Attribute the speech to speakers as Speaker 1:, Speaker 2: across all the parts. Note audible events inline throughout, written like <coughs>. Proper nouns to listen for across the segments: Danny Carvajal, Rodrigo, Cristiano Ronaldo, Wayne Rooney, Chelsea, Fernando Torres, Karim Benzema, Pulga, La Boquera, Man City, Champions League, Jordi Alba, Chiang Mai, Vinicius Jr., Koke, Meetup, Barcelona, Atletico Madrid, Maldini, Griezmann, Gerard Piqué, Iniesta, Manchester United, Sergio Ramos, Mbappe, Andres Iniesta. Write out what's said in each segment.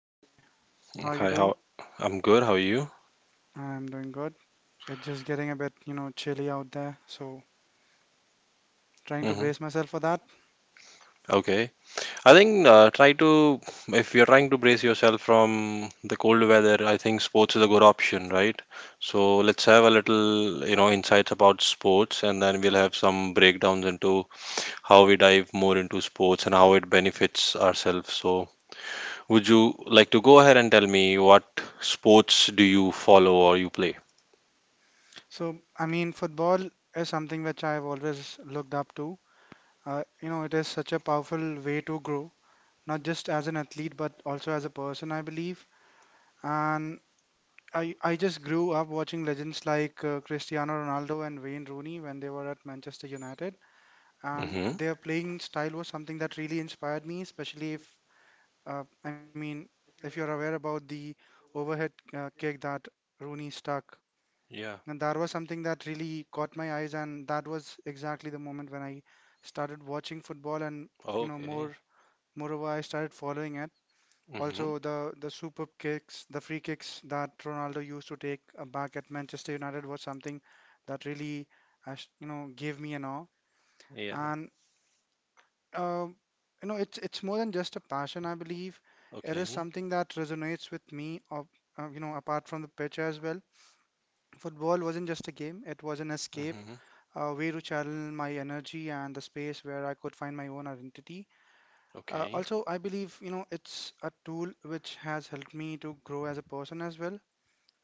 Speaker 1: Hi, how are you
Speaker 2: Hi,
Speaker 1: doing?
Speaker 2: how? I'm good. How are you?
Speaker 1: I'm doing good. It's just getting a bit, chilly out there, so trying to
Speaker 2: Mm-hmm.
Speaker 1: brace myself for that.
Speaker 2: Okay. I think try to if you're trying to brace yourself from the cold weather, I think sports is a good option, right? So let's have a little insights about sports, and then we'll have some breakdowns into how we dive more into sports and how it benefits ourselves. So would you like to go ahead and tell me what sports do you follow or you play?
Speaker 1: So, I mean, football is something which I've always looked up to. It is such a powerful way to grow, not just as an athlete, but also as a person, I believe. And I just grew up watching legends like Cristiano Ronaldo and Wayne Rooney when they were at Manchester United, and
Speaker 2: Mm-hmm.
Speaker 1: their playing style was something that really inspired me, especially if I mean, if you're aware about the overhead kick that Rooney stuck,
Speaker 2: Yeah.
Speaker 1: and that was something that really caught my eyes, and that was exactly the moment when I started watching football, and you know,
Speaker 2: Okay.
Speaker 1: more moreover, I started following it.
Speaker 2: Mm-hmm.
Speaker 1: Also, the superb kicks, the free kicks that Ronaldo used to take back at Manchester United was something that really, gave me an awe.
Speaker 2: Yeah.
Speaker 1: And um, it's more than just a passion, I believe. It is
Speaker 2: Okay.
Speaker 1: something that resonates with me, of, apart from the pitch as well. Football wasn't just a game, it was an escape,
Speaker 2: Mm-hmm.
Speaker 1: a way to channel my energy and the space where I could find my own identity. Uh,
Speaker 2: Okay.
Speaker 1: also, I believe, it's a tool which has helped me to grow as a person as well.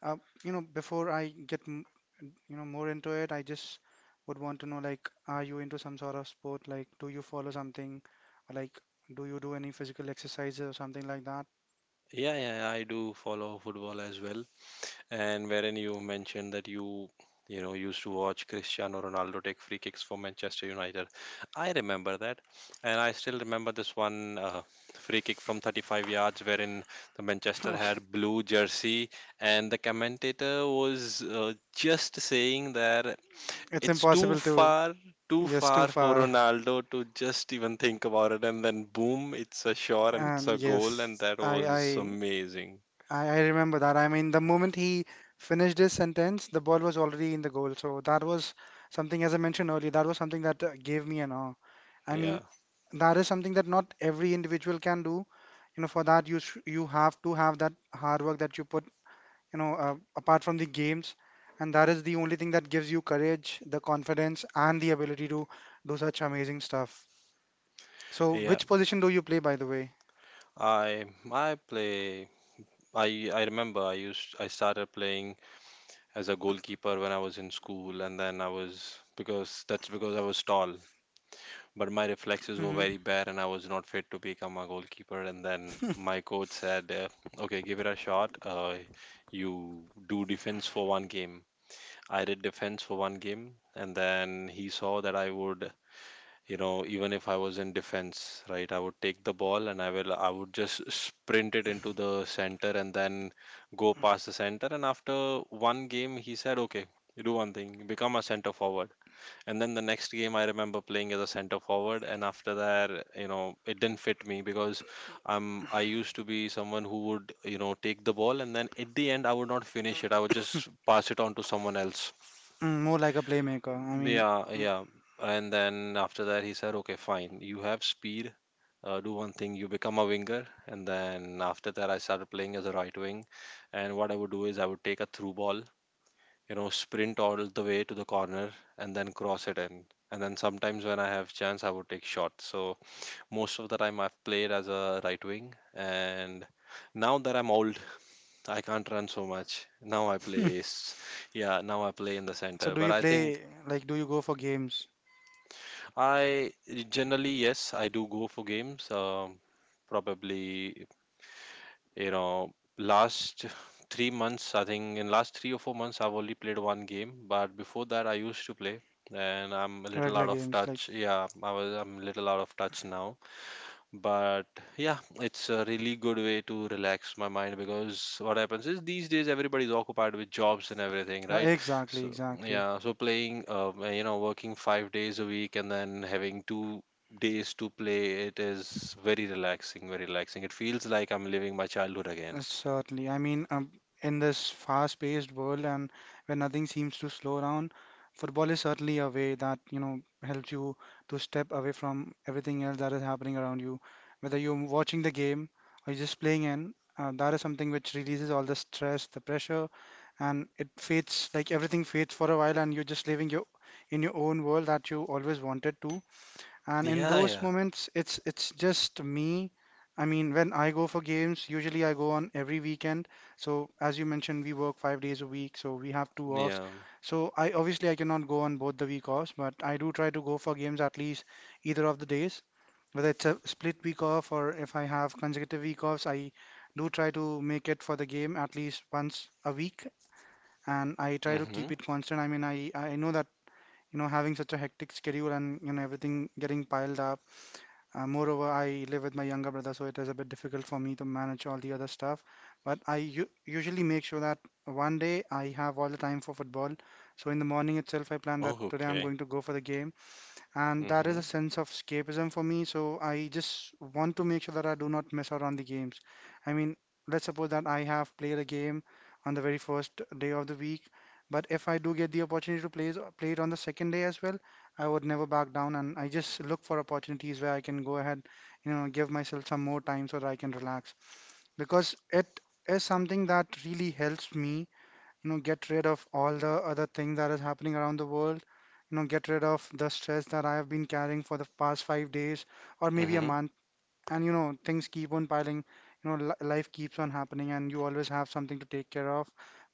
Speaker 1: Uh, before I get more into it, I just would want to know, like, are you into some sort of sport? Like, do you follow something? Or, like, do you do any physical exercises or something like that? <laughs>
Speaker 2: Yeah, yeah, I do follow football as well. And wherein you mentioned that you know used to watch Cristiano Ronaldo take free kicks for Manchester United. I remember that, and I still remember this one free kick from 35 yards, wherein the Manchester
Speaker 1: Okay.
Speaker 2: had blue jersey, and the commentator was just saying that
Speaker 1: It's
Speaker 2: it's
Speaker 1: impossible to.
Speaker 2: too
Speaker 1: Yes, too
Speaker 2: far for
Speaker 1: far.
Speaker 2: Ronaldo to just even think about it, and then boom, it's a shot and it's
Speaker 1: Um,
Speaker 2: a goal, and
Speaker 1: yes,
Speaker 2: that
Speaker 1: I,
Speaker 2: was
Speaker 1: I,
Speaker 2: amazing.
Speaker 1: I I remember that. I mean, the moment he finished his sentence, the ball was already in the goal. So that was something, as I mentioned earlier, that was something that gave me an awe. I mean,
Speaker 2: Yeah.
Speaker 1: that is something that not every individual can do, for that you have to have that hard work that you put, apart from the games, and that is the only thing that gives you courage, the confidence, and the ability to do such amazing stuff. So
Speaker 2: Yeah,
Speaker 1: which position do you play, by the way?
Speaker 2: I I play I remember I used I started playing as a goalkeeper when I was in school, and then I was because that's because I was tall, but my reflexes were
Speaker 1: Hmm.
Speaker 2: very bad, and I was not fit to become a goalkeeper. And then my coach said, okay, give it a shot. You do defense for one game. I did defense for one game, and then he saw that I would you know even if I was in defense, right, I would take the ball, and I would just sprint it into the center and then go past the center. And after one game, he said, okay, you do one thing, you become a center forward. And then the next game, I remember playing as a center forward, and after that, you know, it didn't fit me because I used to be someone who would, take the ball, and then at the end, I would not finish it, I would just pass it on to someone else.
Speaker 1: More like a playmaker, I mean.
Speaker 2: Yeah,
Speaker 1: mm,
Speaker 2: yeah. And then after that, he said, okay, fine. You have speed. Do one thing. You become a winger. And then after that, I started playing as a right wing. And what I would do is I would take a through ball, sprint all the way to the corner and then cross it in. And then sometimes when I have chance, I would take shots. So most of the time, I've played as a right wing. And now that I'm old, I can't run so much. Now I play, s- yeah, now I play in the
Speaker 1: so
Speaker 2: center.
Speaker 1: do
Speaker 2: But
Speaker 1: you
Speaker 2: I think.
Speaker 1: play, like, do you go for games?
Speaker 2: I generally, yes, I do go for games. Probably, last <laughs> 3 months, I think in last 3 or 4 months, I've only played one game. But before that, I used to play, and I'm a little
Speaker 1: Regular
Speaker 2: out of
Speaker 1: games, like,
Speaker 2: touch. Yeah, I'm a little out of touch now, but yeah, it's a really good way to relax my mind because what happens is these days everybody's occupied with jobs and everything,
Speaker 1: uh,
Speaker 2: right?
Speaker 1: exactly
Speaker 2: So
Speaker 1: exactly.
Speaker 2: yeah, so playing working 5 days a week, and then having 2 days to play, it is very relaxing, very relaxing. It feels like I'm living my childhood
Speaker 1: Uh,
Speaker 2: again.
Speaker 1: Certainly. I mean, in this fast-paced world and where nothing seems to slow down, football is certainly a way that, helps you to step away from everything else that is happening around you. Whether you're watching the game or you're just playing in, that is something which releases all the stress, the pressure, and it fades, like everything fades for a while and you're just living your in your own world that you always wanted to, and in
Speaker 2: Yeah.
Speaker 1: those
Speaker 2: Yeah.
Speaker 1: moments it's just me. I mean, when I go for games, usually I go on every weekend. So as you mentioned, we work 5 days a week, so we have two offs.
Speaker 2: Yeah.
Speaker 1: So I, obviously, I cannot go on both the week offs, but I do try to go for games at least either of the days, whether it's a split week off or if I have consecutive week offs. I do try to make it for the game at least once a week, and I try to keep
Speaker 2: Mm-hmm.
Speaker 1: it constant. I mean, I know that, having such a hectic schedule, and, everything getting piled up. Moreover I live with my younger brother, so it is a bit difficult for me to manage all the other stuff. But I u usually make sure that one day I have all the time for football. So in the morning itself, I plan that
Speaker 2: Oh,
Speaker 1: today I'm
Speaker 2: okay.
Speaker 1: going to go for the game, and that is a
Speaker 2: Mm-hmm.
Speaker 1: sense of escapism for me. So I just want to make sure that I do not miss out on the games. I mean, let's suppose that I have played a game on the very first day of the week, but if I do get the opportunity to play it on the second day as well, I would never back down, and I just look for opportunities where I can go ahead, give myself some more time so that I can relax, because it is something that really helps me, get rid of all the other things that is happening around the world, get rid of the stress that I have been carrying for the past 5 days or maybe a
Speaker 2: Mm-hmm.
Speaker 1: month. And things keep on piling, life keeps on happening, and you always have something to take care of.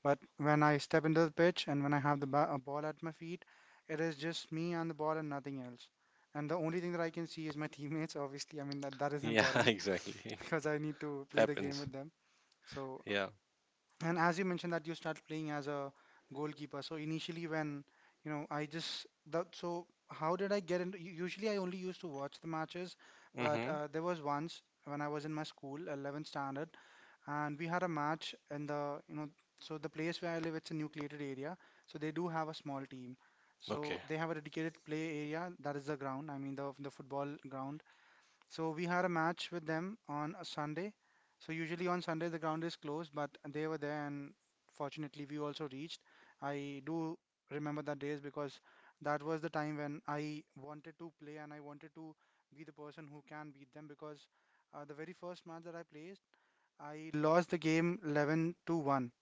Speaker 1: But when I step into the pitch and when I have the a ball at my feet, it is just me and the ball, and nothing else. And the only thing that I can see is my <laughs> teammates, obviously. I mean, that that is
Speaker 2: Yeah. <laughs>
Speaker 1: important. <laughs>
Speaker 2: Exactly.
Speaker 1: Because I need to play the game
Speaker 2: Happens.
Speaker 1: with them. So,
Speaker 2: Yeah.
Speaker 1: and as you mentioned that you start playing as a goalkeeper, so initially, when you know I just that so how did I get into? Usually I only used to watch the matches, but
Speaker 2: Mm-hmm.
Speaker 1: there was once when I was in my school, 11th standard, and we had a match in the you know so, the place where I live, it's a nucleated area, so they do have a small team. So
Speaker 2: Okay.
Speaker 1: they have a dedicated play area, that is the ground. I mean, the football ground. So we had a match with them on a Sunday. So usually on Sunday the ground is closed, but they were there, and fortunately we also reached. I do remember that days, because that was the time when I wanted to play, and I wanted to be the person who can beat them, because the very first match that I placed, I lost the game 11-1,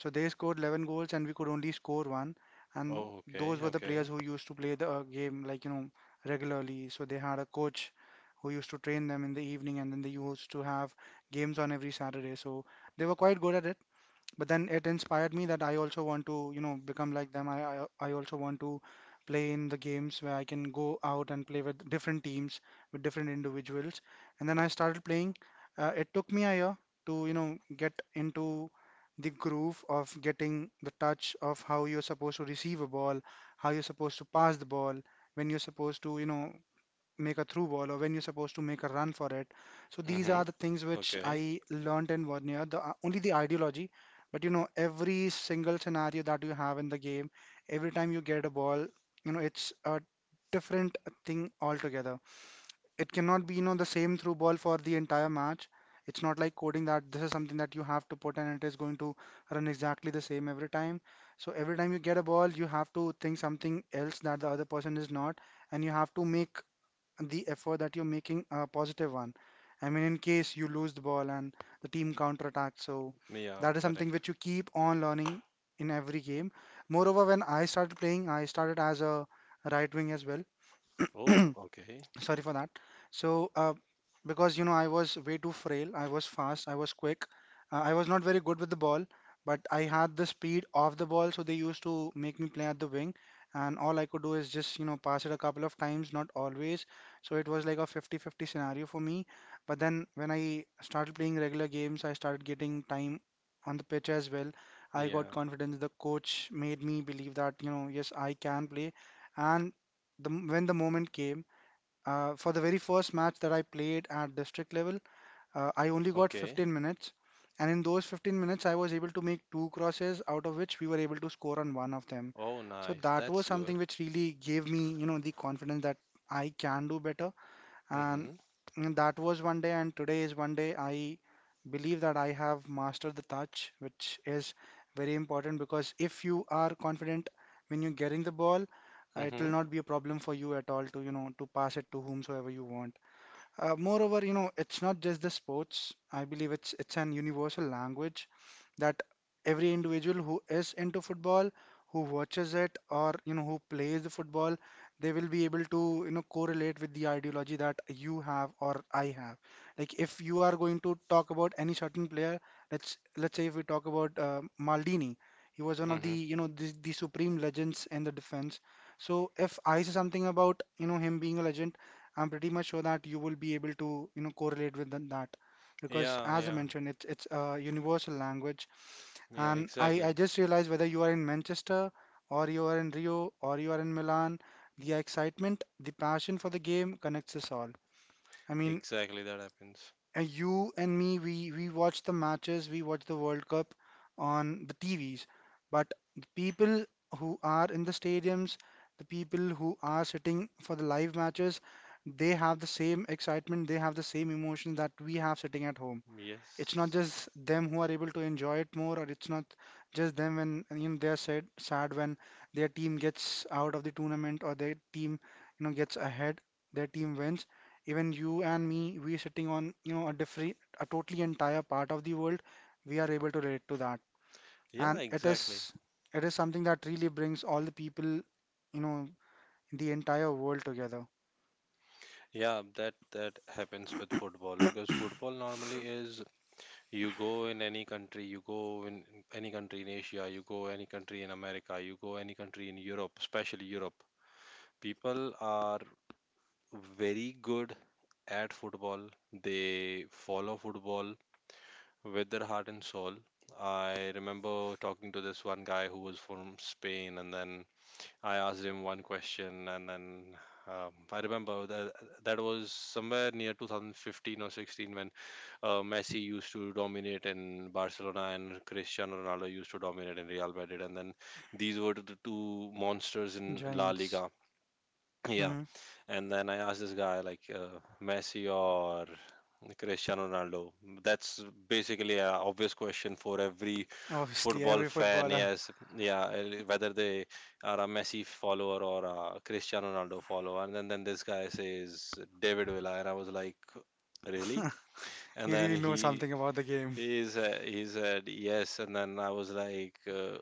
Speaker 1: so they scored 11 goals and we could only score one. And
Speaker 2: Oh, okay.
Speaker 1: those were the
Speaker 2: Okay.
Speaker 1: players who used to play the game, like, regularly. So they had a coach who used to train them in the evening, and then they used to have games on every Saturday. So they were quite good at it, but then it inspired me that I also want to, become like them. I also want to play in the games where I can go out and play with different teams, with different individuals. And then I started playing. It took me a year to, get into the groove of getting the touch of how you're supposed to receive a ball, how you're supposed to pass the ball, when you're supposed to, make a through ball, or when you're supposed to make a run for it. So these are
Speaker 2: Mm-hmm.
Speaker 1: the things which
Speaker 2: Okay.
Speaker 1: I learned in one year. The only the ideology, but every single scenario that you have in the game, every time you get a ball, it's a different thing altogether. It cannot be, the same through ball for the entire match. It's not like coding, that this is something that you have to put and it is going to run exactly the same every time. So every time you get a ball, you have to think something else that the other person is not, and you have to make the effort that you're making a positive one. I mean, in case you lose the ball and the team counterattacks, so
Speaker 2: Yeah,
Speaker 1: that is something
Speaker 2: correct.
Speaker 1: which you keep on learning in every game. Moreover, when I started playing, I started as a right wing as well.
Speaker 2: Oh, okay.
Speaker 1: <clears throat> Sorry for that. So because I was way too frail, I was fast, I was quick. I was not very good with the ball, but I had the speed off the ball, so they used to make me play at the wing. And all I could do is just, pass it a couple of times, not always. So it was like a fifty-fifty scenario for me. But then, when I started playing regular games, I started getting time on the pitch as well. I got
Speaker 2: Yeah.
Speaker 1: confidence, the coach made me believe that, yes, I can play. And when the moment came, for the very first match that I played at district level, I only got
Speaker 2: Okay.
Speaker 1: 15 minutes, and in those 15 minutes, I was able to make two crosses, out of which we were able to score on one of them.
Speaker 2: Oh,
Speaker 1: So
Speaker 2: nice.
Speaker 1: that was
Speaker 2: That's
Speaker 1: something
Speaker 2: good.
Speaker 1: which really gave me, the confidence that I can do better. And
Speaker 2: Mm-hmm.
Speaker 1: that was one day, and today is one day. I believe that I have mastered the touch, which is very important because if you are confident when you're getting the ball, it will
Speaker 2: Mm-hmm.
Speaker 1: not be a problem for you at all to pass it to whomsoever you want. Moreover, it's not just the sports. I believe it's an universal language that every individual who is into football, who watches it, or who plays the football, they will be able to correlate with the ideology that you have or I have. Like if you are going to talk about any certain player, let's say if we talk about Maldini, he was one of the
Speaker 2: Mm-hmm.
Speaker 1: you know the, the supreme legends in the defense. So if I say something about him being a legend, I'm pretty much sure that you will be able to, correlate with than that because
Speaker 2: Yeah,
Speaker 1: as I
Speaker 2: yeah.
Speaker 1: mentioned, it's a universal language.
Speaker 2: Yeah,
Speaker 1: And I
Speaker 2: exactly.
Speaker 1: just realized whether you are in Manchester or you are in Rio or you are in Milan, the excitement, the passion for the game connects us all. I mean,
Speaker 2: Exactly that happens.
Speaker 1: and you and me, we watch the matches, we watch the World Cup on the TVs, but the people who are in the stadiums, the people who are sitting for the live matches, they have the same excitement, they have the same emotion that we have sitting at home. It's not
Speaker 2: Yes.
Speaker 1: just them who are able to enjoy it more, or it's not just them when they're sad when their team gets out of the tournament, or their team gets ahead, their team wins. Even you and me, we sitting on a different, a totally entire part of the world, we are able to relate to that.
Speaker 2: Yeah,
Speaker 1: And it is
Speaker 2: exactly.
Speaker 1: something that really brings all the people you know in the entire world together.
Speaker 2: Yeah, that happens with football because
Speaker 1: <coughs> <clears throat>
Speaker 2: football normally is. You go in any country, you go in any country in Asia, you go any country in America, you go any country in Europe, especially Europe. People are very good at football. They follow football with their heart and soul. I remember talking to this one guy who was from Spain, and then I asked him one question, and then I remember that that was somewhere near 2015 or 16 when Messi used to dominate in Barcelona, and Cristiano Ronaldo used to dominate in Real Madrid, and then these were the two monsters in La
Speaker 1: Giants.
Speaker 2: Liga. Yeah,
Speaker 1: Hmm.
Speaker 2: and then I asked this guy like Messi or Cristiano Ronaldo. That's basically an obvious question for every
Speaker 1: Obviously
Speaker 2: football
Speaker 1: every
Speaker 2: fan.
Speaker 1: footballer.
Speaker 2: Yes, yeah, whether they are a Messi follower or a Cristiano Ronaldo follower. And then this guy says David Villa, and I was like, really?
Speaker 1: <laughs>
Speaker 2: And
Speaker 1: He
Speaker 2: then
Speaker 1: really knows
Speaker 2: he
Speaker 1: something about the game.
Speaker 2: he said, he said yes, and then I was like,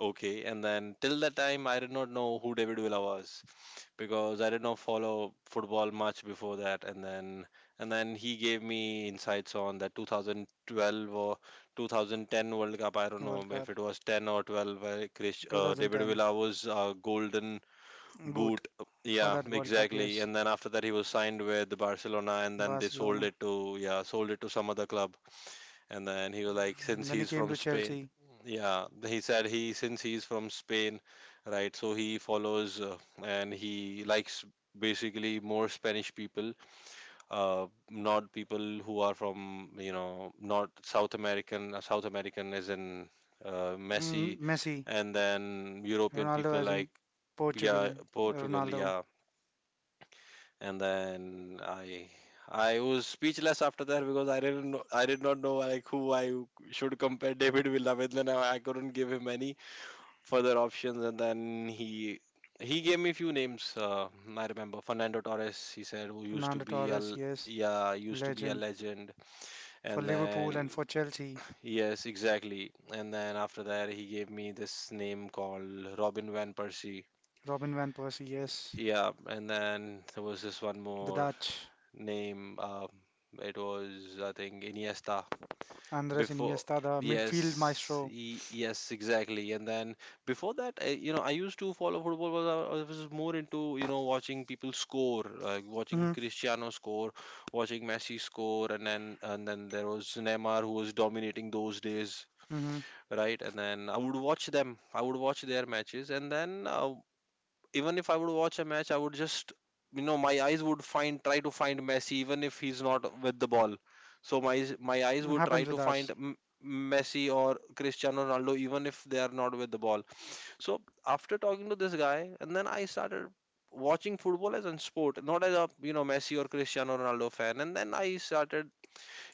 Speaker 2: okay. And then till that time, I did not know who David Villa was because I did not follow football much before that. And then he gave me insights on that 2012 or 2010 World Cup. I don't
Speaker 1: World
Speaker 2: know if
Speaker 1: Cup
Speaker 2: it was 10 or 12. Where David
Speaker 1: 2010.
Speaker 2: Villa was golden
Speaker 1: Boot
Speaker 2: boot.
Speaker 1: for
Speaker 2: Yeah,
Speaker 1: that World Cup,
Speaker 2: exactly.
Speaker 1: yes.
Speaker 2: And then after that, he was signed with Barcelona, and then they sold
Speaker 1: Barcelona.
Speaker 2: it to yeah, sold it to some other club. And then he was like, since
Speaker 1: Then he
Speaker 2: he's
Speaker 1: came
Speaker 2: from
Speaker 1: to
Speaker 2: Spain,
Speaker 1: Chelsea.
Speaker 2: yeah, he said he since he's from Spain, right? So he follows and he likes basically more Spanish people, not people who are from not South American. Uh, South American is in Messi,
Speaker 1: Mm, Messi.
Speaker 2: and then European
Speaker 1: Ronaldo
Speaker 2: people
Speaker 1: as in
Speaker 2: like, yeah,
Speaker 1: Portugal.
Speaker 2: Portugal,
Speaker 1: Ronaldo.
Speaker 2: yeah. And then I was speechless after that because I did not know like who I should compare <laughs> David Villa with. Then I couldn't give him any further options, and then he gave me few names. I remember Fernando Torres. He said who used to
Speaker 1: Fernando
Speaker 2: be
Speaker 1: Torres,
Speaker 2: a
Speaker 1: yes.
Speaker 2: yeah, used to be a
Speaker 1: Legend.
Speaker 2: legend.
Speaker 1: For
Speaker 2: And
Speaker 1: Liverpool and
Speaker 2: then
Speaker 1: for Chelsea.
Speaker 2: yes, exactly. And then after that, he gave me this name called Robin van Persie.
Speaker 1: Robin Van Persie, yes.
Speaker 2: Yeah, and then there was this one
Speaker 1: The
Speaker 2: more
Speaker 1: Dutch.
Speaker 2: name. It was, I think, Iniesta.
Speaker 1: Andres
Speaker 2: Before,
Speaker 1: Iniesta, the midfield
Speaker 2: yes,
Speaker 1: maestro.
Speaker 2: yes, exactly. And then before that, I used to follow football. But I was more into watching people score, like watching
Speaker 1: Hmm.
Speaker 2: Cristiano score, watching Messi score, and then there was Neymar who was dominating those days,
Speaker 1: Hmm.
Speaker 2: right? And then I would watch them. I would watch their matches, and then even if I would watch a match, I would just my eyes would find try to find Messi even if he's not with the ball. So my eyes would try
Speaker 1: Happens
Speaker 2: to
Speaker 1: with
Speaker 2: find
Speaker 1: us.
Speaker 2: Messi or Cristiano Ronaldo even if they are not with the ball. So after talking to this guy, and then I started watching football as a sport, not as a Messi or Cristiano Ronaldo fan. And then I started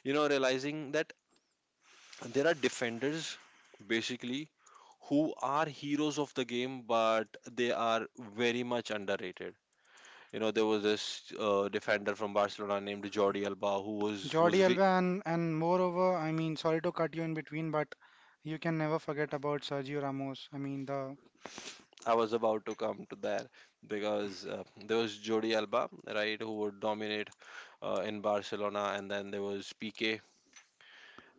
Speaker 2: realizing that there are defenders basically who are heroes of the game, but they are very much underrated. There was this defender from Barcelona named Jordi Alba who was who
Speaker 1: Jordi
Speaker 2: was
Speaker 1: Alba
Speaker 2: re-
Speaker 1: and moreover, I mean, sorry to cut you in between, but you can never forget about Sergio Ramos. I mean, the
Speaker 2: I was about to come to there because there was Jordi Alba, right, who would dominate in Barcelona, and then there was PK,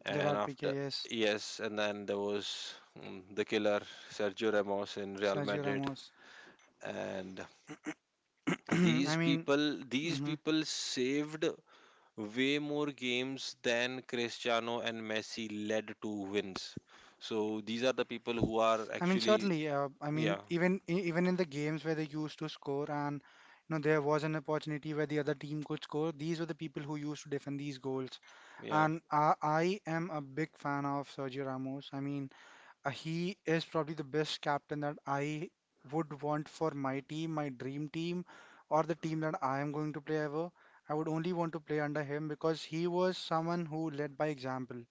Speaker 2: and
Speaker 1: Gerard Piqué,
Speaker 2: after
Speaker 1: yes.
Speaker 2: yes, and then there was the killer Sergio Ramos in Real
Speaker 1: Sergio
Speaker 2: Madrid,
Speaker 1: Ramos.
Speaker 2: and
Speaker 1: <clears throat>
Speaker 2: these
Speaker 1: I mean,
Speaker 2: people these
Speaker 1: mhm.
Speaker 2: people saved way more games than Cristiano and Messi led to wins. So these are the people who are
Speaker 1: I mean,
Speaker 2: actually,
Speaker 1: certainly. I mean,
Speaker 2: yeah,
Speaker 1: even even in the games where they used to score and there was an opportunity where the other team could score. These were the people who used to defend these goals.
Speaker 2: yeah,
Speaker 1: And I am a big fan of Sergio Ramos. I mean, he is probably the best captain that I would want for my team, my dream team, or the team that I am going to play ever. I would only want to play under him because he was someone who led by example.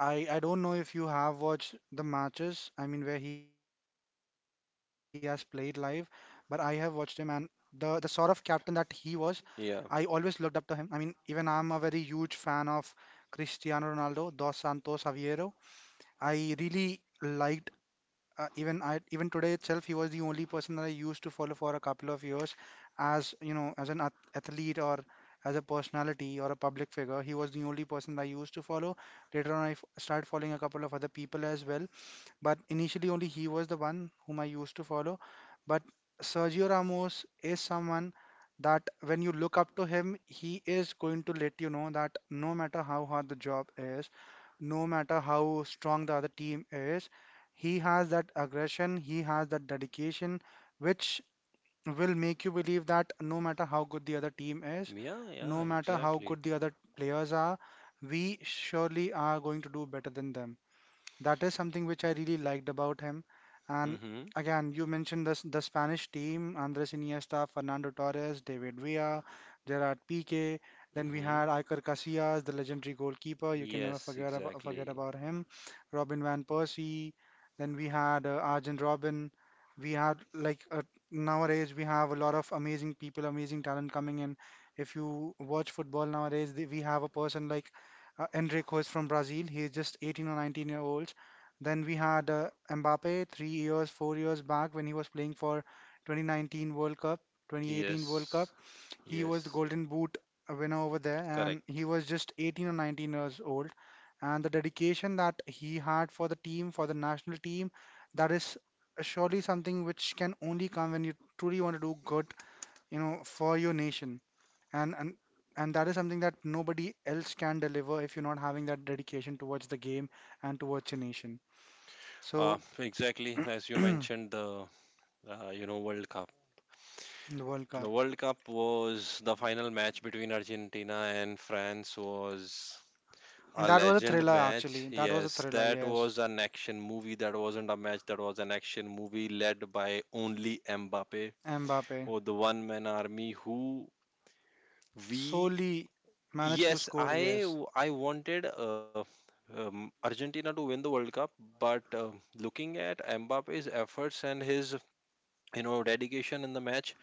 Speaker 1: I don't know if you have watched the matches, I mean where he has played live, but I have watched him and the sort of captain that he was, I always looked
Speaker 2: yeah,
Speaker 1: up to him. I mean, even I'm a very huge fan of Cristiano Ronaldo, Dos Santos Aveiro. I really liked, even today itself, he was the only person that I used to follow for a couple of years, as you know as an athlete or as a personality or a public figure. He was the only person that I used to follow. Later on, I started following a couple of other people as well, but initially, only he was the one whom I used to follow. But Sergio Ramos is someone that when you look up to him, he is going to let you know that no matter how hard the job is, no matter how strong the other team is, he has that aggression, he has that dedication, which will make you believe that no matter how good the other team is,
Speaker 2: yeah, yeah,
Speaker 1: no matter how
Speaker 2: exactly.
Speaker 1: good the other players are, we surely are going to do better than them. That is something which I really liked about him. And
Speaker 2: Mm-hmm.
Speaker 1: again, you mentioned this, the Spanish team, Andres Iniesta, Fernando Torres, David Villa, Gerard Piqué. Then we had
Speaker 2: Mm-hmm.
Speaker 1: Iker Casillas, the legendary goalkeeper. You can never
Speaker 2: Yes,
Speaker 1: forget about, forget
Speaker 2: exactly.
Speaker 1: about him. Robin van Persie. Then we had Arjen Robin. We had like Nowadays we have a lot of amazing people, amazing talent coming in. If you watch football nowadays, we have a person like Enrico is from Brazil. He is just 18 or 19-year-olds. Then we had Mbappe 3 years, 4 years back when he was playing for 2019 World Cup, 2018 World Cup.
Speaker 2: Yes,
Speaker 1: He was the
Speaker 2: yes,
Speaker 1: Golden Boot winner over there, and he
Speaker 2: correct.
Speaker 1: was just 18 or 19 years old. And the dedication that he had for the team, for the national team, that is surely something which can only come when you truly want to do good, for your nation, and and that is something that nobody else can deliver if you're not having that dedication towards the game and towards your nation. So
Speaker 2: Exactly as
Speaker 1: <clears throat>
Speaker 2: you
Speaker 1: the
Speaker 2: mentioned the World Cup.
Speaker 1: World
Speaker 2: The
Speaker 1: Cup.
Speaker 2: World Cup was the final match between Argentina and France was a
Speaker 1: That was a
Speaker 2: legend
Speaker 1: thriller
Speaker 2: match.
Speaker 1: actually. That was a
Speaker 2: Yes,
Speaker 1: thriller,
Speaker 2: that
Speaker 1: yes.
Speaker 2: was an action movie. That wasn't a match. That was an action movie led by only Mbappe
Speaker 1: Mbappe
Speaker 2: or the one man army who we.
Speaker 1: solely managed to
Speaker 2: Yes,
Speaker 1: score,
Speaker 2: I
Speaker 1: yes.
Speaker 2: I wanted Argentina to win the World Cup, but looking at Mbappe's efforts and his dedication in the match,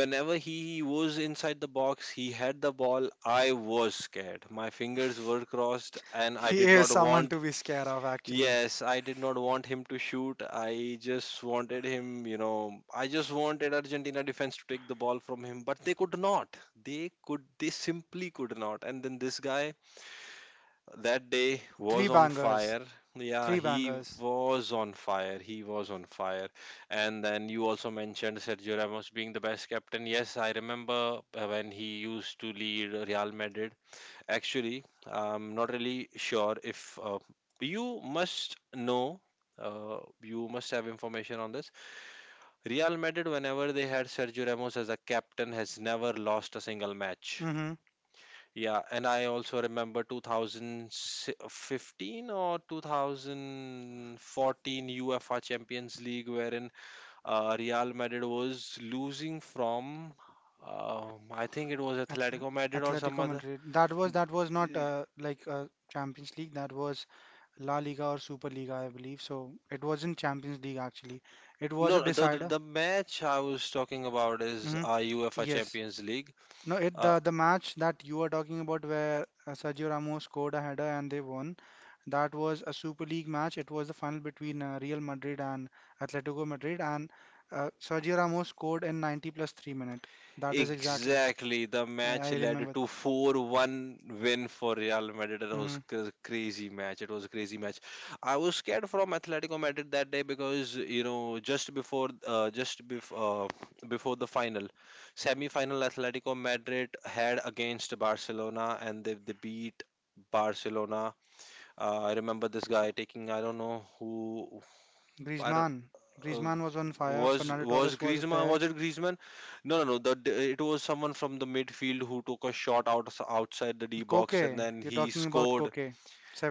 Speaker 2: whenever he was inside the box, he had the ball. I was scared. My fingers were crossed, and I
Speaker 1: He
Speaker 2: did
Speaker 1: is
Speaker 2: not
Speaker 1: someone to
Speaker 2: want.
Speaker 1: be scared of actually.
Speaker 2: Yes, I did not want him to shoot. I just wanted Argentina defense to take the ball from him, but they could not. They could, they simply could not. And then this guy that day
Speaker 1: Three
Speaker 2: was on
Speaker 1: bangers.
Speaker 2: fire. Yeah,
Speaker 1: Three
Speaker 2: he
Speaker 1: bangers.
Speaker 2: was on fire. He was on fire. And then you also mentioned Sergio Ramos being the best captain. Yes, I remember when he used to lead Real Madrid. Actually, I'm not really sure if, you must know, you must have information on this. Real Madrid, whenever they had Sergio Ramos as a captain, has never lost a single match.
Speaker 1: Mm-hmm.
Speaker 2: Yeah, and I also remember 2015 or 2014 UEFA Champions League, wherein Real Madrid was losing from, I think it was
Speaker 1: Atl-
Speaker 2: Atletico Madrid or some
Speaker 1: Atletico
Speaker 2: other.
Speaker 1: Madrid. That was not like Champions League. That was La Liga or Super Liga, I believe. So it wasn't Champions League actually. It was a
Speaker 2: No, the
Speaker 1: decider.
Speaker 2: the match I was talking about is
Speaker 1: Hmm.
Speaker 2: UEFA
Speaker 1: Yes.
Speaker 2: Champions League.
Speaker 1: No, it
Speaker 2: Uh,
Speaker 1: the match that you were talking about where Sergio Ramos scored a header and they won. That was a Super League match. It was the final between Real Madrid and Atletico Madrid, and Sergio Ramos scored in 90 plus 3 minute. That is exactly.
Speaker 2: exactly, the
Speaker 1: I
Speaker 2: match led
Speaker 1: remember.
Speaker 2: to 4-1 win for Real Madrid. It was
Speaker 1: Mm-hmm.
Speaker 2: crazy match. It was a crazy match. I was scared from Atletico Madrid that day because you know just before before the final, semi-final Atletico Madrid had against Barcelona and they beat Barcelona. I remember this guy taking, I don't know who. I
Speaker 1: Griezmann.
Speaker 2: uh,
Speaker 1: Griezmann was on fire.
Speaker 2: was
Speaker 1: Fernando
Speaker 2: was
Speaker 1: Torres was
Speaker 2: Griezmann?
Speaker 1: there.
Speaker 2: Was it Griezmann? No, no, no. It was someone from the midfield who took a shot outside the D box, and
Speaker 1: Koke,
Speaker 2: then
Speaker 1: you're
Speaker 2: he
Speaker 1: talking about
Speaker 2: scored.
Speaker 1: Koke,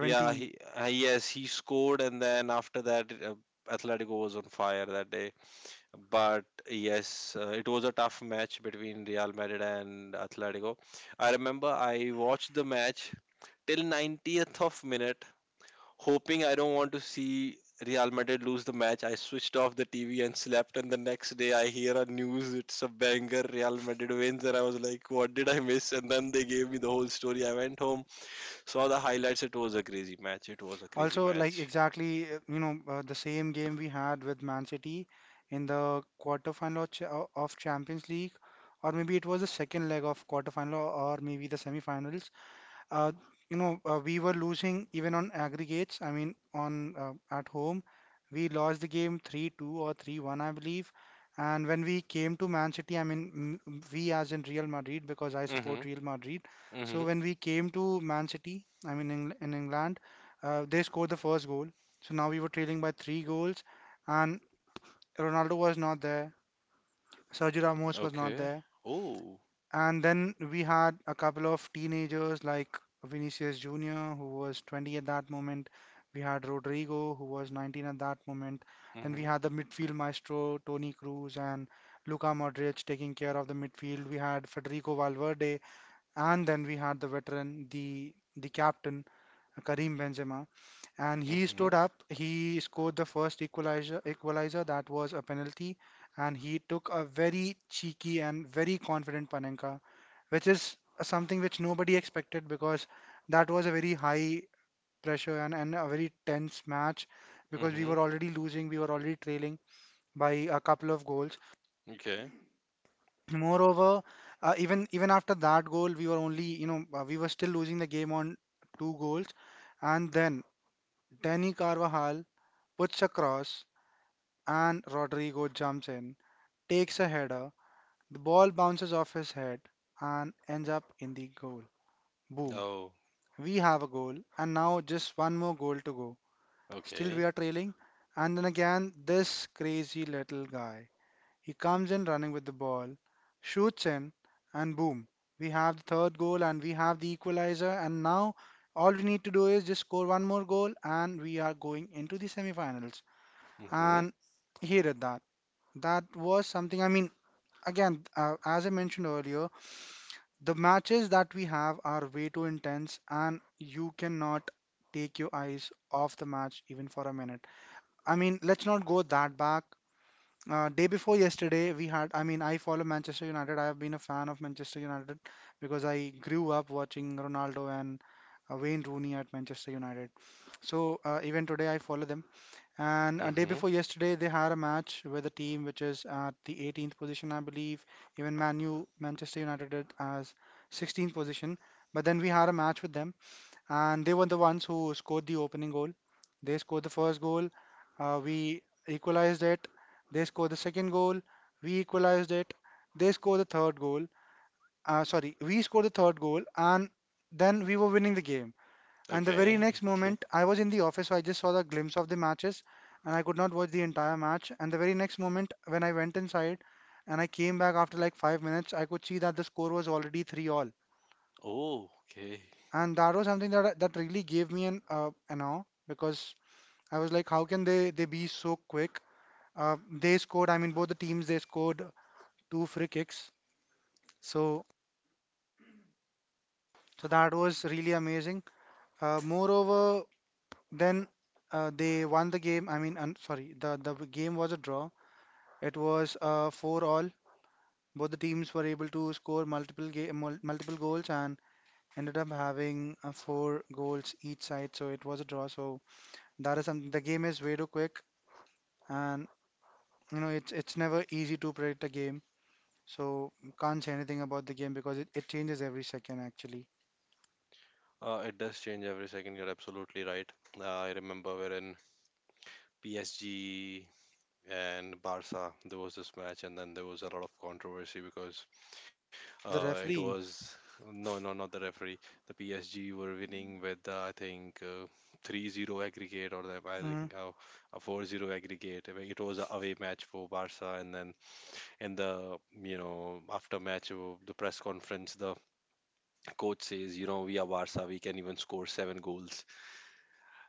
Speaker 2: Yeah, he yes, he scored, and then after that, Atletico was on fire that day. But yes, it was a tough match between Real Madrid and Atletico. I remember I watched the match till 90th of minute, hoping I don't want to see Real Madrid lose the match. I switched off the TV and slept. And the next day, I hear a news, it's a banger, Real Madrid wins. And I was like, what did I miss? And then they gave me the whole story. I went home, saw the highlights. It was a crazy match. It was a crazy
Speaker 1: Also, like
Speaker 2: match.
Speaker 1: exactly, the same game we had with Man City in the quarterfinal of of Champions League, or maybe it was the second leg of quarterfinal, or maybe the semifinals. uh, we were losing even on aggregates. I mean, on at home, we lost the game 3-2 or 3-1, I believe. And when we came to Man City, I mean, we as in Real Madrid, because I
Speaker 2: Mm
Speaker 1: support
Speaker 2: hmm.
Speaker 1: Real Madrid.
Speaker 2: Mm
Speaker 1: So
Speaker 2: hmm.
Speaker 1: when we came to Man City, I mean, in England, they scored the first goal. So now we were trailing by three goals, and Ronaldo was not there. Sergio Ramos was not
Speaker 2: Okay.
Speaker 1: there.
Speaker 2: Oh.
Speaker 1: And then we had a couple of teenagers like Vinicius Jr., who was 20 at that moment. We had Rodrigo, who was 19 at that moment.
Speaker 2: Mm
Speaker 1: Then we had the
Speaker 2: hmm.
Speaker 1: midfield maestro, Tony Cruz, and Luka Modric taking care of the midfield. We had Federico Valverde, and then we had the veteran, the captain. Karim Benzema, and
Speaker 2: Mm
Speaker 1: he
Speaker 2: hmm.
Speaker 1: stood up. He scored the first equalizer. Equalizer that was a penalty, and he took a very cheeky and very confident Panenka, which is something which nobody expected because that was a very high pressure and a very tense match
Speaker 2: Mm
Speaker 1: because we
Speaker 2: hmm.
Speaker 1: were already losing, we were already trailing by a couple of goals.
Speaker 2: Okay.
Speaker 1: Moreover, even after that goal, we were only we were still losing the game on two goals, and then Danny Carvajal puts a cross and Rodrigo jumps in, takes a header. The ball bounces off his head and ends up in the goal. Boom.
Speaker 2: Oh.
Speaker 1: We have a goal and now just one more goal to go. Still we
Speaker 2: Okay.
Speaker 1: are trailing, and then again this crazy little guy. He comes in running with the ball, shoots in, and boom. We have the third goal and we have the equalizer, and now all we need to do is just score one more goal and we are going into the semifinals,
Speaker 2: Mm hmm.
Speaker 1: and he did that. That was something. I mean, again, as I mentioned earlier, the matches that we have are way too intense, and you cannot take your eyes off the match even for a minute. I mean, let's not go that back. Day before yesterday, we had. I mean, I follow Manchester United. I have been a fan of Manchester United because I grew up watching Ronaldo and Wayne Rooney at Manchester United. So even today, I follow them. And a day
Speaker 2: Mhm.
Speaker 1: before yesterday, they had a match with a team which is at the 18th position, I believe. Even Manu, Manchester United, did as 16th position. But then we had a match with them, and they were the ones who scored the opening goal. They scored the first goal. We equalized it. They scored the second goal. We equalized it. They scored the third goal. Sorry, we scored the third goal, and then we were winning the game. And the very
Speaker 2: Okay.
Speaker 1: next
Speaker 2: Okay.
Speaker 1: moment, I was in the office, so I just saw the glimpse of the matches and I could not watch the entire match. And the very next moment, when I went inside and I came back after like 5 minutes, I could see that the score was already three all.
Speaker 2: Oh, okay.
Speaker 1: And that was something that really gave me an awe because I was like, how can they be so quick? They scored. I mean, both the teams they scored two free kicks. So so that was really amazing. Moreover, then they won the game. I mean, un sorry, the game was a draw. It was four all. Both the teams were able to score multiple goals and ended up having four goals each side. So it was a draw. So that is something. The game is way too quick, and it's never easy to predict a game. So can't say anything about the game because it changes every second actually.
Speaker 2: It does change every second. You're absolutely right. I remember wherein PSG and Barca, there was this match, and then there was a lot of controversy because
Speaker 1: The
Speaker 2: it
Speaker 1: referee,
Speaker 2: was no, no, not the referee. The PSG were winning with I think 3 zero aggregate or the, I
Speaker 1: mm,
Speaker 2: think a 4-0 aggregate. I mean, it was a away match for Barca, and then in the you know after match the press conference the coach says, you know, we are Barca, we can even score seven goals,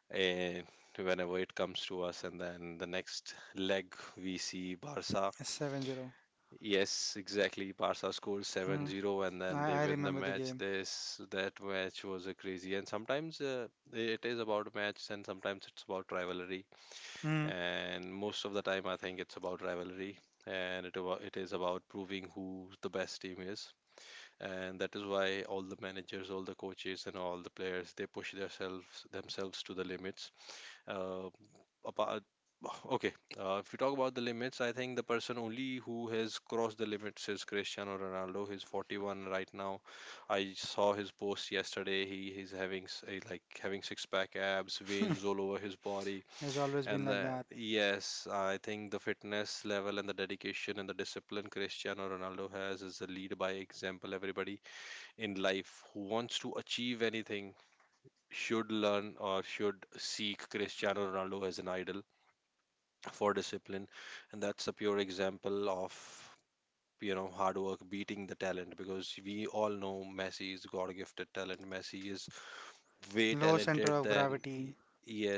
Speaker 2: and whenever it comes to us. And then the next leg we see Barca,
Speaker 1: 7-0.
Speaker 2: yes exactly, Barca scores seven
Speaker 1: Mm,
Speaker 2: zero and then
Speaker 1: I,
Speaker 2: they
Speaker 1: I
Speaker 2: win the
Speaker 1: remember the
Speaker 2: match.
Speaker 1: game.
Speaker 2: This That match was a crazy, and sometimes it is about match and sometimes it's about rivalry,
Speaker 1: Mm,
Speaker 2: and most of the time I think it's about rivalry, and it is about proving who the best team is. And that is why all the managers, all the coaches and all the players, they push themselves to the limits. uh, Apart, okay, if we talk about the limits, I think the person only who has crossed the limits is Cristiano Ronaldo. He's 41 right now. I saw his post yesterday, he's having like having six pack abs, veins all over his body.
Speaker 1: has always been like that.
Speaker 2: Yes, I think the fitness level and the dedication and the discipline Cristiano Ronaldo has is a lead by example. Everybody in life who wants to achieve anything should learn or should seek Cristiano Ronaldo as an idol for discipline. And that's a pure example of, you know, hard work beating the talent, because we all know Messi is God gifted talent. Messi is way
Speaker 1: Low center
Speaker 2: talented
Speaker 1: of
Speaker 2: than,
Speaker 1: gravity,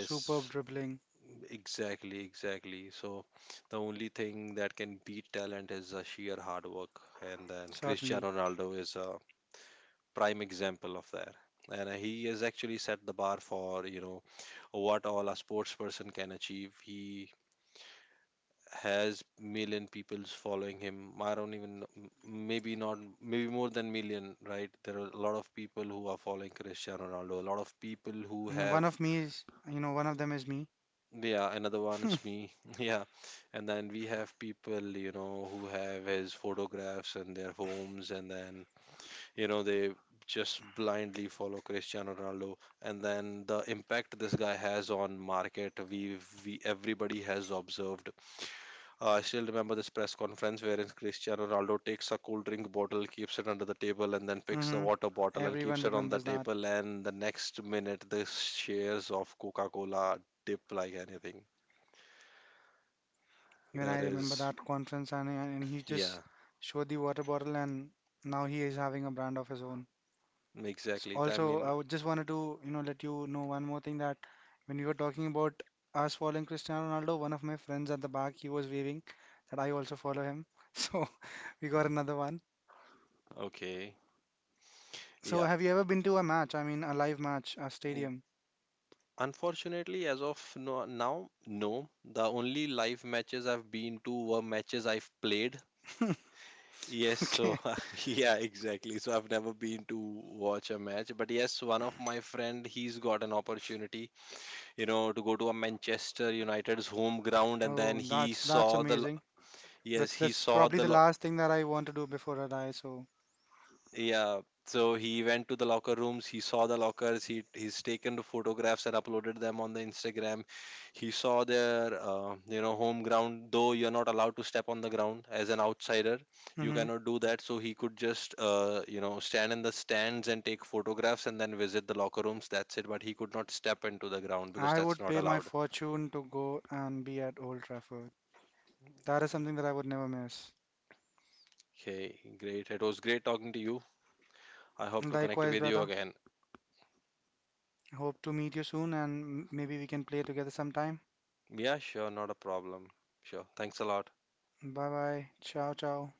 Speaker 1: superb dribbling,
Speaker 2: exactly, exactly. So the only thing that can beat talent is a sheer hard work, and then
Speaker 1: certainly.
Speaker 2: Cristiano Ronaldo is a prime example of that. And he has actually set the bar for, you know, what all a sports person can achieve. He has million people's following him. I don't even know, maybe not, maybe more than million, right? There are a lot of people who are following Cristiano Ronaldo, a lot of people who
Speaker 1: Mm, One
Speaker 2: have.
Speaker 1: of me is, you know, One of them is me.
Speaker 2: Yeah, another one, it's me. <laughs> Yeah, and then we have people, you know, who have his photographs in their homes, and then, you know, they just blindly follow Cristiano Ronaldo. And then the impact this guy has on market, we, everybody has observed. I still remember this press conference wherein Cristiano Ronaldo takes a cool drink bottle, keeps it under the table, and then picks the
Speaker 1: Hmm.
Speaker 2: water bottle and
Speaker 1: Everyone
Speaker 2: keeps it on the
Speaker 1: remembers that.
Speaker 2: table, and the next minute the shares of Coca-Cola dip like anything.
Speaker 1: Even I
Speaker 2: That
Speaker 1: remember
Speaker 2: is,
Speaker 1: that conference, and he just
Speaker 2: yeah,
Speaker 1: showed the water bottle, and now he is having a brand of his own.
Speaker 2: exactly, I
Speaker 1: Also, I
Speaker 2: mean,
Speaker 1: would just wanted to, let you know one more thing that when we were talking about us following Cristiano Ronaldo, one of my friends at the back, he was waving that I also follow him. <laughs> So we got another one.
Speaker 2: okay,
Speaker 1: So
Speaker 2: yeah.
Speaker 1: have you ever been to a match? I mean, a live match, a stadium?
Speaker 2: Unfortunately, as of now, no. The only live matches I've been to were matches I've played. Yes,
Speaker 1: <laughs>
Speaker 2: so
Speaker 1: Okay.
Speaker 2: <laughs> yeah, exactly. So I've never been to watch a match, but yes, one of my friend he's got an opportunity, you know, to go to a Manchester United's home ground, and then
Speaker 1: Oh,
Speaker 2: he
Speaker 1: that's
Speaker 2: saw the
Speaker 1: amazing.
Speaker 2: yes,
Speaker 1: That's
Speaker 2: he saw
Speaker 1: probably
Speaker 2: the
Speaker 1: the
Speaker 2: lo-.
Speaker 1: last thing that I want to do before I die. So,
Speaker 2: Yeah, so he went to the locker rooms. He saw the lockers. He's taken the photographs and uploaded them on the Instagram. He saw their you know home ground. Though you're not allowed to step on the ground as an outsider, you
Speaker 1: hmm,
Speaker 2: cannot do that. So he could just you know stand in the stands and take photographs and then visit the locker rooms. That's it. But he could not step into the ground because
Speaker 1: I
Speaker 2: that's
Speaker 1: would
Speaker 2: not
Speaker 1: pay my
Speaker 2: allowed.
Speaker 1: fortune to go and be at Old Trafford. That is something that I would never miss.
Speaker 2: Okay, great. It was great talking to you. I hope to connect
Speaker 1: Likewise,
Speaker 2: with you
Speaker 1: brother.
Speaker 2: again.
Speaker 1: Hope to meet you soon, and maybe we can play together sometime.
Speaker 2: Yeah, sure, not a problem. Sure. Thanks a lot.
Speaker 1: Bye bye. Ciao, ciao.